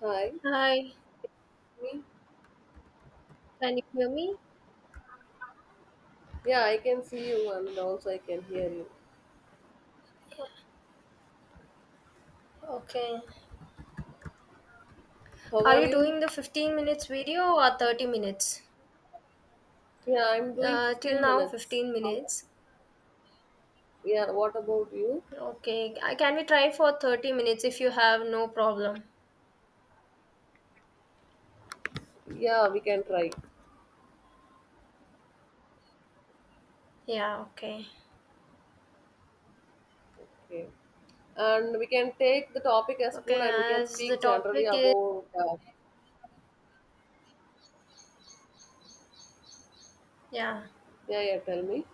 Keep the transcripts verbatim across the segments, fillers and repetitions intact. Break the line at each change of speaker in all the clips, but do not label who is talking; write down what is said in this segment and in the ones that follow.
Hi,
Hi,
me?
can you hear me?
Yeah, I can see you and also I can hear you.
Okay.
How
Are
are
you
you?
doing the fifteen minutes video or thirty minutes?
Yeah, I'm doing
Uh, till
fifteen
now,
minutes.
fifteen
How?
minutes.
Yeah, what about you?
Okay. I- Can we try for thirty minutes if you have no problem?
Yeah, we can try.
Yeah, okay.
Okay. And we can take the topic as food
Okay,
and we can
as the
speak generally
topic is,
about. Uh,
yeah,
Yeah, yeah, tell me.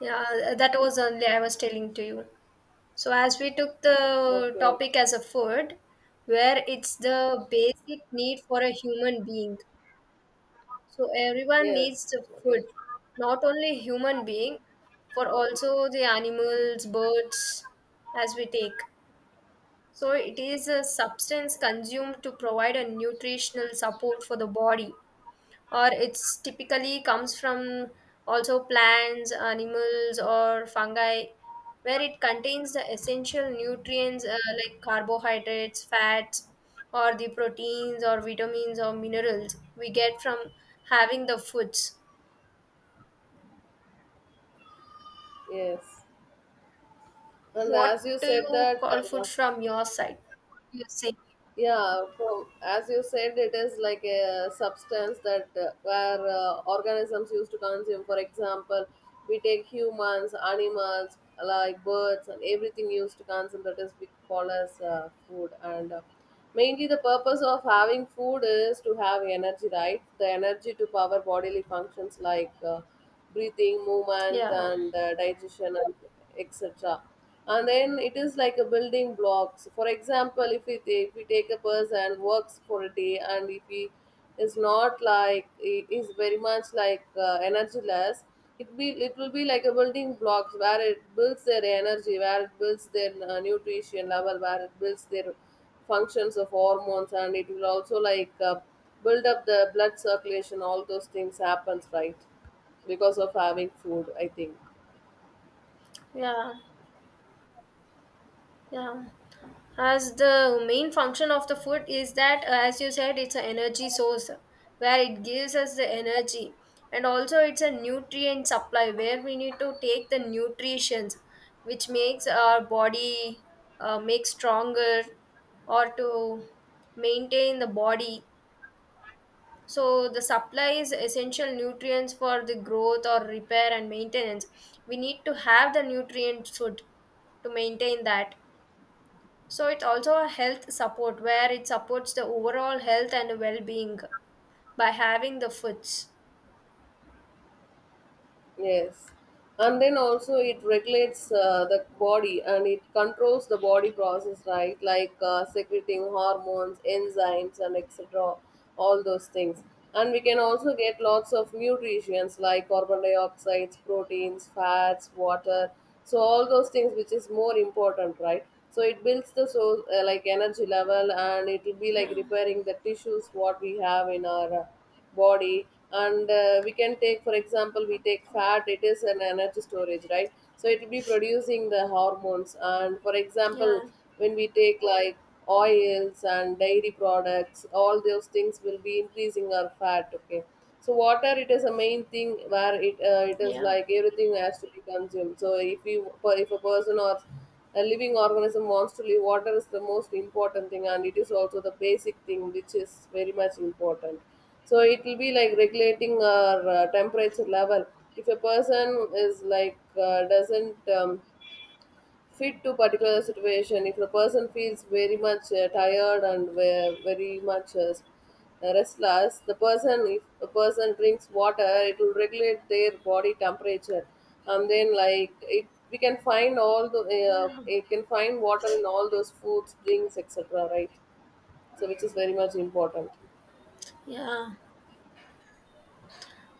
yeah, that was only I was telling to you. So, as we took the
Okay,
topic
okay.
as a food, where it's the basic need for a human being. So everyone needs
Yes.
the
Okay.
food, not only human being, for also the animals, birds, as we take. So it is a substance consumed to provide a nutritional support for the body or it's typically comes from also plants, animals, or fungi, where it contains the essential nutrients uh, like carbohydrates, fats, or the proteins, or vitamins, or minerals we get from having the foods.
Yes. And
What
as you
do
said
you
that
call
uh,
food from your side? You say?
Yeah, from as you said, it is like a substance that uh, where uh, organisms used to consume. For example, we take humans, animals, like birds, and everything used to consume that is we call as uh, food. And uh, Mainly, the purpose of having food is to have energy, right? The energy to power bodily functions like uh, breathing, movement,
Yeah,
and uh, digestion, and et cetera. And then it is like a building blocks. For example, if we take, if we take a person works for a day, and if he is not like he is very much like uh, energyless, it be it will be like a building blocks where it builds their energy, where it builds their uh, nutrition level, where it builds their functions of hormones, and it will also like uh, build up the blood circulation. All those things happens, right? Because of having food, I think.
yeah, yeah. As the main function of the food is that uh, as you said, it's an energy source where it gives us the energy, and also it's a nutrient supply where we need to take the nutritions which makes our body uh, make stronger, or to maintain the body, so the supply is essential nutrients for the growth or repair and maintenance. We need to have the nutrient food to maintain that. So it's also a health support where it supports the overall health and well-being by having the foods.
Yes. And then also it regulates uh, the body and it controls the body process, right? Like uh, secreting hormones, enzymes, and et cetera, all those things. And we can also get lots of nutrients like carbon dioxide, proteins, fats, water. So all those things which is more important, right? So it builds the so uh, like energy level and it will be like
Yeah,
repairing the tissues what we have in our uh, body. And uh, We can take, for example, we take fat, it is an energy storage, right? So it will be producing the hormones. And for example,
yeah,
when we take like oils and dairy products, all those things will be increasing our fat. Okay. So water, it is a main thing where it uh, it is
yeah,
like everything has to be consumed. So if you, if a person or a living organism wants to live, water is the most important thing, and it is also the basic thing which is very much important. So it will be like regulating our uh, temperature level. If a person is like uh, doesn't um, fit to particular situation, if the person feels very much uh, tired and ve- very much uh, restless, the person, if a person drinks water, it will regulate their body temperature. And then, like, it we can find all the uh,
yeah,
it can find water in all those foods, drinks, et cetera, right? So which is very much important.
yeah,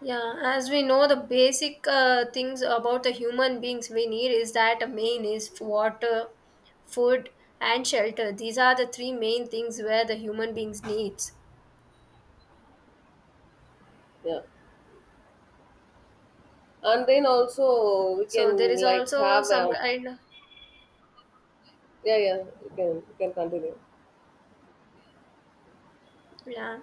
yeah. As we know, the basic uh, things about the human beings we need is that the main is water, food, and shelter. These are the three main things where the human beings needs.
Yeah. And then also we
So there
can
is
like
also
have
some
a,
kind of,
yeah, yeah, you can you can continue.
yeah,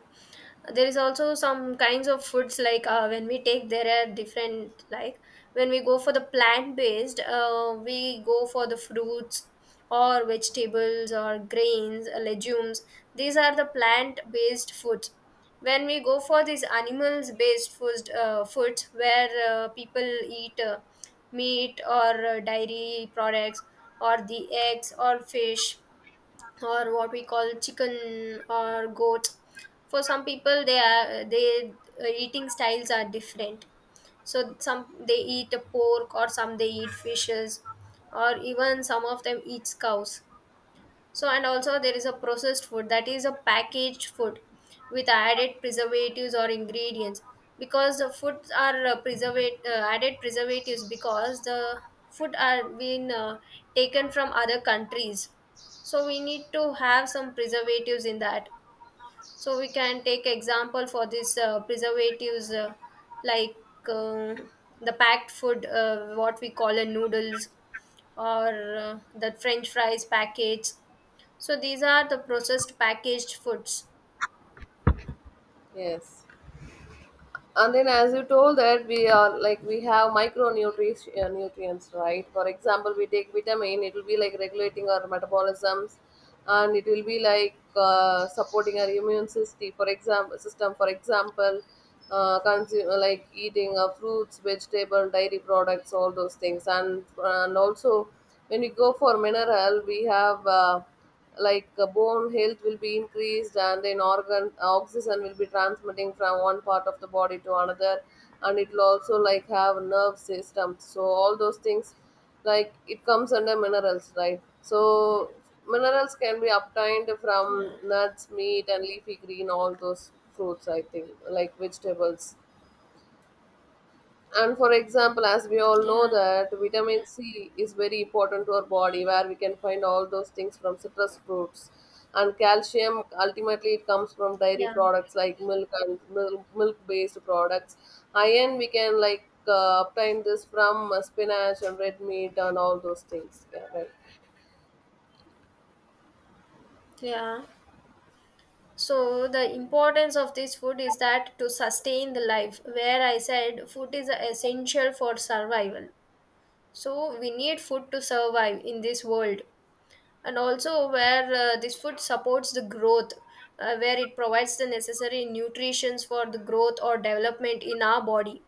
there is also some kinds of foods like, uh, when we take, there are different like, when we go for the plant based, uh, we go for the fruits or vegetables or grains, uh, legumes. These are the plant based foods. When we go for these animals based foods, uh, foods where uh, people eat, uh, meat or uh, dairy products, or the eggs or fish, or what we call chicken or goat. For some people they are they uh, eating styles are different. So some they eat a pork, or some they eat fishes, or even some of them eats cows. So, and also there is a processed food that is a packaged food with added preservatives or ingredients, because the foods are uh, preservate uh, added preservatives, because the food are been uh, taken from other countries. So we need to have some preservatives in that. So we can take example for this uh, preservatives, uh, like um the packed food, uh, what we call a noodles, or uh, the French fries packets, so these are the processed packaged foods.
Yes. And then, as you told, that we are, like, we have micronutrients, uh, nutrients, right? For example, we take vitamin, it will be like regulating our metabolisms, and it will be like uh, supporting our immune system. For example system for example uh, consume, like eating uh, fruits, vegetable, dairy products, all those things. And and also when we go for mineral, we have uh, like uh, bone health will be increased. And then organ oxygen will be transmitting from one part of the body to another, and it will also like have nerve system, so all those things like it comes under minerals, right? So minerals can be obtained from
Yeah.
nuts, meat, and leafy green, all those fruits, I think, like vegetables. And for example, as we all know
Yeah.
that vitamin C is very important to our body, where we can find all those things from citrus fruits. And calcium ultimately it comes from dairy
Yeah.
products like milk and milk milk based products. Iron we can like uh, obtain this from uh, spinach and red meat and all those things. Yeah, right.
Yeah. So the importance of this food is that to sustain the life, where I said food is essential for survival. So we need food to survive in this world. And also where uh, this food supports the growth, uh, where it provides the necessary nutritions for the growth or development in our body.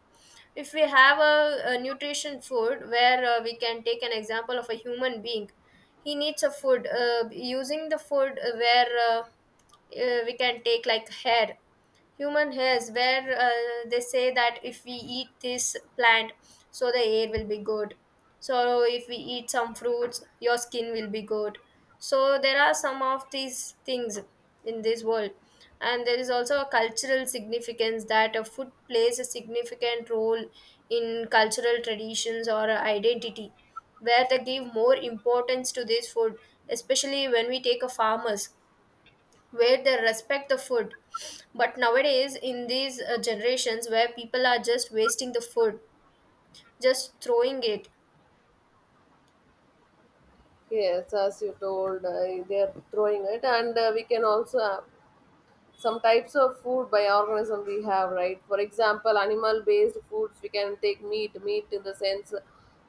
If we have a, a nutrition food, where uh, we can take an example of a human being, he needs a food uh, using the food, uh, where uh, uh, we can take like hair, human hairs, where uh, they say that if we eat this plant, so the air will be good. So if we eat some fruits, your skin will be good. So there are some of these things in this world. And there is also a cultural significance that a food plays a significant role in cultural traditions or identity, where they give more importance to this food, especially when we take a farmers, where they respect the food. But nowadays in these uh, generations, where people are just wasting the food, just throwing it.
Yes, as you told, uh, they are throwing it, and uh, we can also some types of food by organism we have, right? For example, animal based foods, we can take meat, meat in the sense,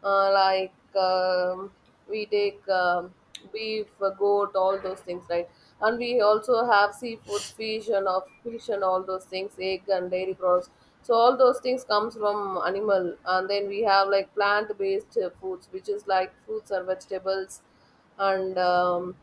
uh, like um, we take um, beef, uh, goat, all those things, right? And we also have seafoods, fish and of fish and all those things, egg and dairy products. So all those things comes from animal. And then we have like plant based foods which is like fruits and vegetables. And um,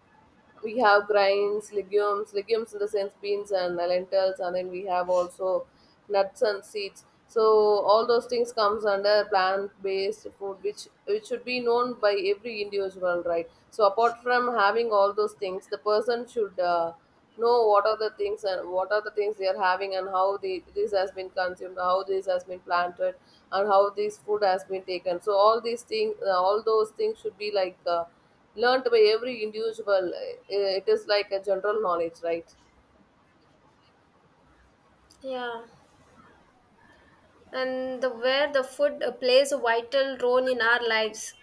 we have grains, legumes, legumes in the sense beans and lentils, and then we have also nuts and seeds. So all those things comes under plant-based food, which which should be known by every individual, right? So apart from having all those things, the person should uh, know what are the things and what are the things they are having and how they, this has been consumed, how this has been planted, and how this food has been taken. So all these things, all those things should be like. Uh, learnt by every individual, uh, it is like a general knowledge, right?
Yeah, and the where the food uh, plays a vital role in our lives,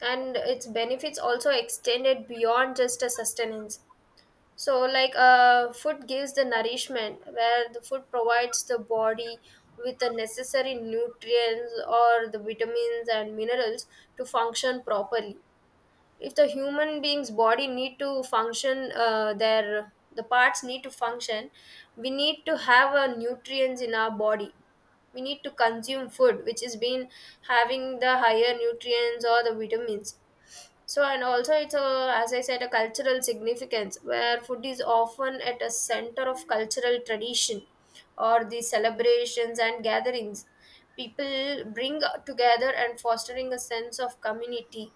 and its benefits also extended beyond just a sustenance. So, like, uh, food gives the nourishment, where the food provides the body with the necessary nutrients or the vitamins and minerals to function properly. If the human being's body need to function, uh, their the parts need to function, we need to have a nutrients in our body. We need to consume food which is been having the higher nutrients or the vitamins. So, and also it's a, as I said, a cultural significance, where food is often at a center of cultural tradition or the celebrations and gatherings. People bring together and fostering a sense of community.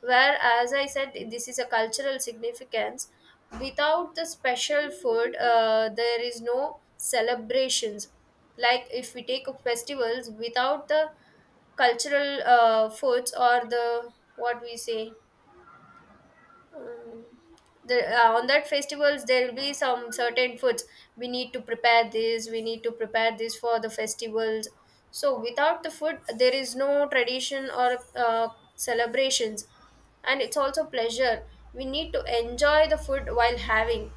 Where, as I said, this is a cultural significance. Without the special food, uh, there is no celebrations. Like if we take festivals without the cultural uh, foods or the, what we say, um, the, uh, on that festivals there will be some certain foods. We need to prepare this we need to prepare this for the festivals. So without the food there is no tradition or uh, celebrations. And it's also pleasure, we need to enjoy the food while having.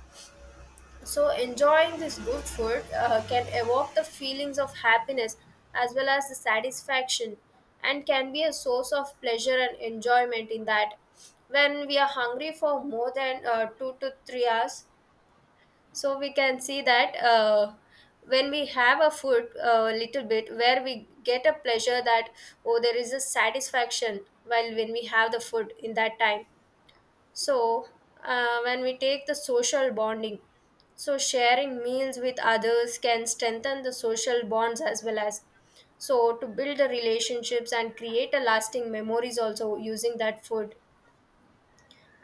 So, enjoying this good food uh, can evoke the feelings of happiness as well as the satisfaction, and can be a source of pleasure and enjoyment in that, when we are hungry for more than uh, two to three hours. So, we can see that, uh, when we have a food a little bit, where we get a pleasure that, oh, there is a satisfaction while when we have the food in that time. So, uh, when we take the social bonding, so sharing meals with others can strengthen the social bonds, as well as, so, to build the relationships and create a lasting memories also using that food.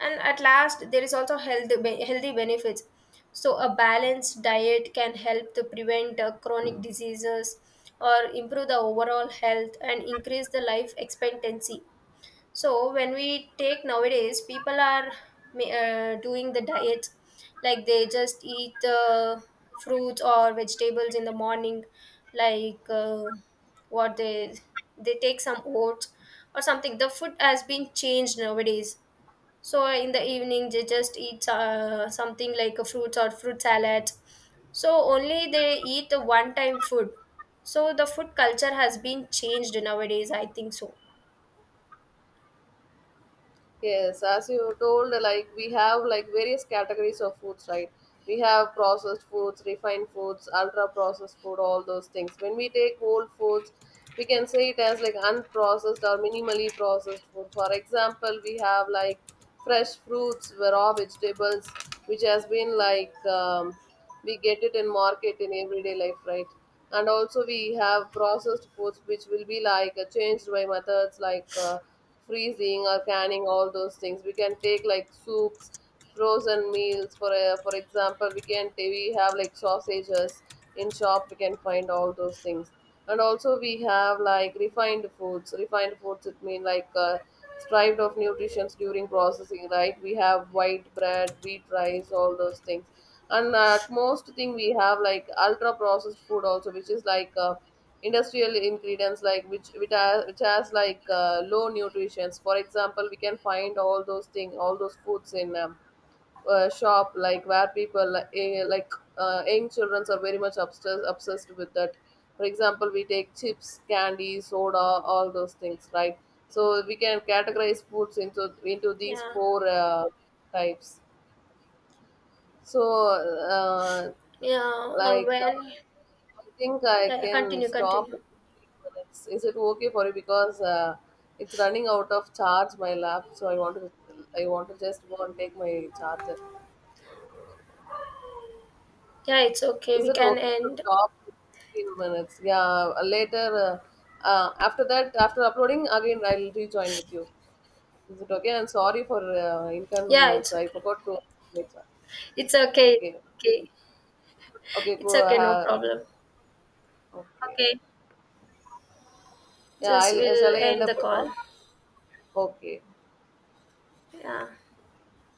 And at last, there is also health be- healthy benefits. So, a balanced diet can help to prevent uh, chronic diseases or improve the overall health and increase the life expectancy. So when we take nowadays, people are ma- uh, doing the diet, like they just eat uh, fruits or vegetables in the morning, like uh, what they they take some oats or something. The food has been changed nowadays. So in the evening, they just eat uh, something like a fruits or fruit salad. So only they eat the one time food. So the food culture has been changed nowadays. I think so.
Yes, as you told, like, we have like various categories of foods, right? We have processed foods, refined foods, ultra processed food, all those things. When we take whole foods, we can say it as like unprocessed or minimally processed food. For example, we have like fresh fruits, raw vegetables, which has been like um, we get it in market in everyday life, right? And also we have processed foods which will be like uh, changed by methods like uh, freezing or canning, all those things. We can take like soups, frozen meals, for uh, for example, we can we have like sausages in shop, we can find all those things. And also we have like refined foods. Refined foods, it mean like uh, strived of nutrients during processing, right? We have white bread, wheat, rice, all those things. And at most thing, we have like ultra processed food also, which is like uh, industrial ingredients, like which which, has which has like uh, low nutrients. For example, we can find all those things, all those foods in um, uh, shop, like where people like, eh, like uh, young children are very much obsessed obsessed with that. For example, we take chips, candy, soda, all those things, right? So we can categorize foods into into these
Yeah.
four uh, types. so uh,
Yeah, uh,
like
when
uh, I think I
yeah,
can
continue,
stop
continue.
at fifteen minutes, is it okay for you? Because uh, it's running out of charge, my lap, so I want to, I want to just go and take my charger.
Yeah, it's okay.
Is
We
it
can
okay to
end.
stop in fifteen minutes? Yeah, uh, later, uh, uh, after that, after uploading, again I'll rejoin with you. Is it okay? And sorry for uh,
Yeah,
inconvenience.
it's
I
okay.
forgot to.
It's okay.
Okay.
Okay,
Okay, go.
it's okay. No
Uh,
problem.
okay.
Okay,
Yeah,
just
I'll, uh,
we'll
shall I end
end
up
the
the
call.
call? Okay.
Yeah.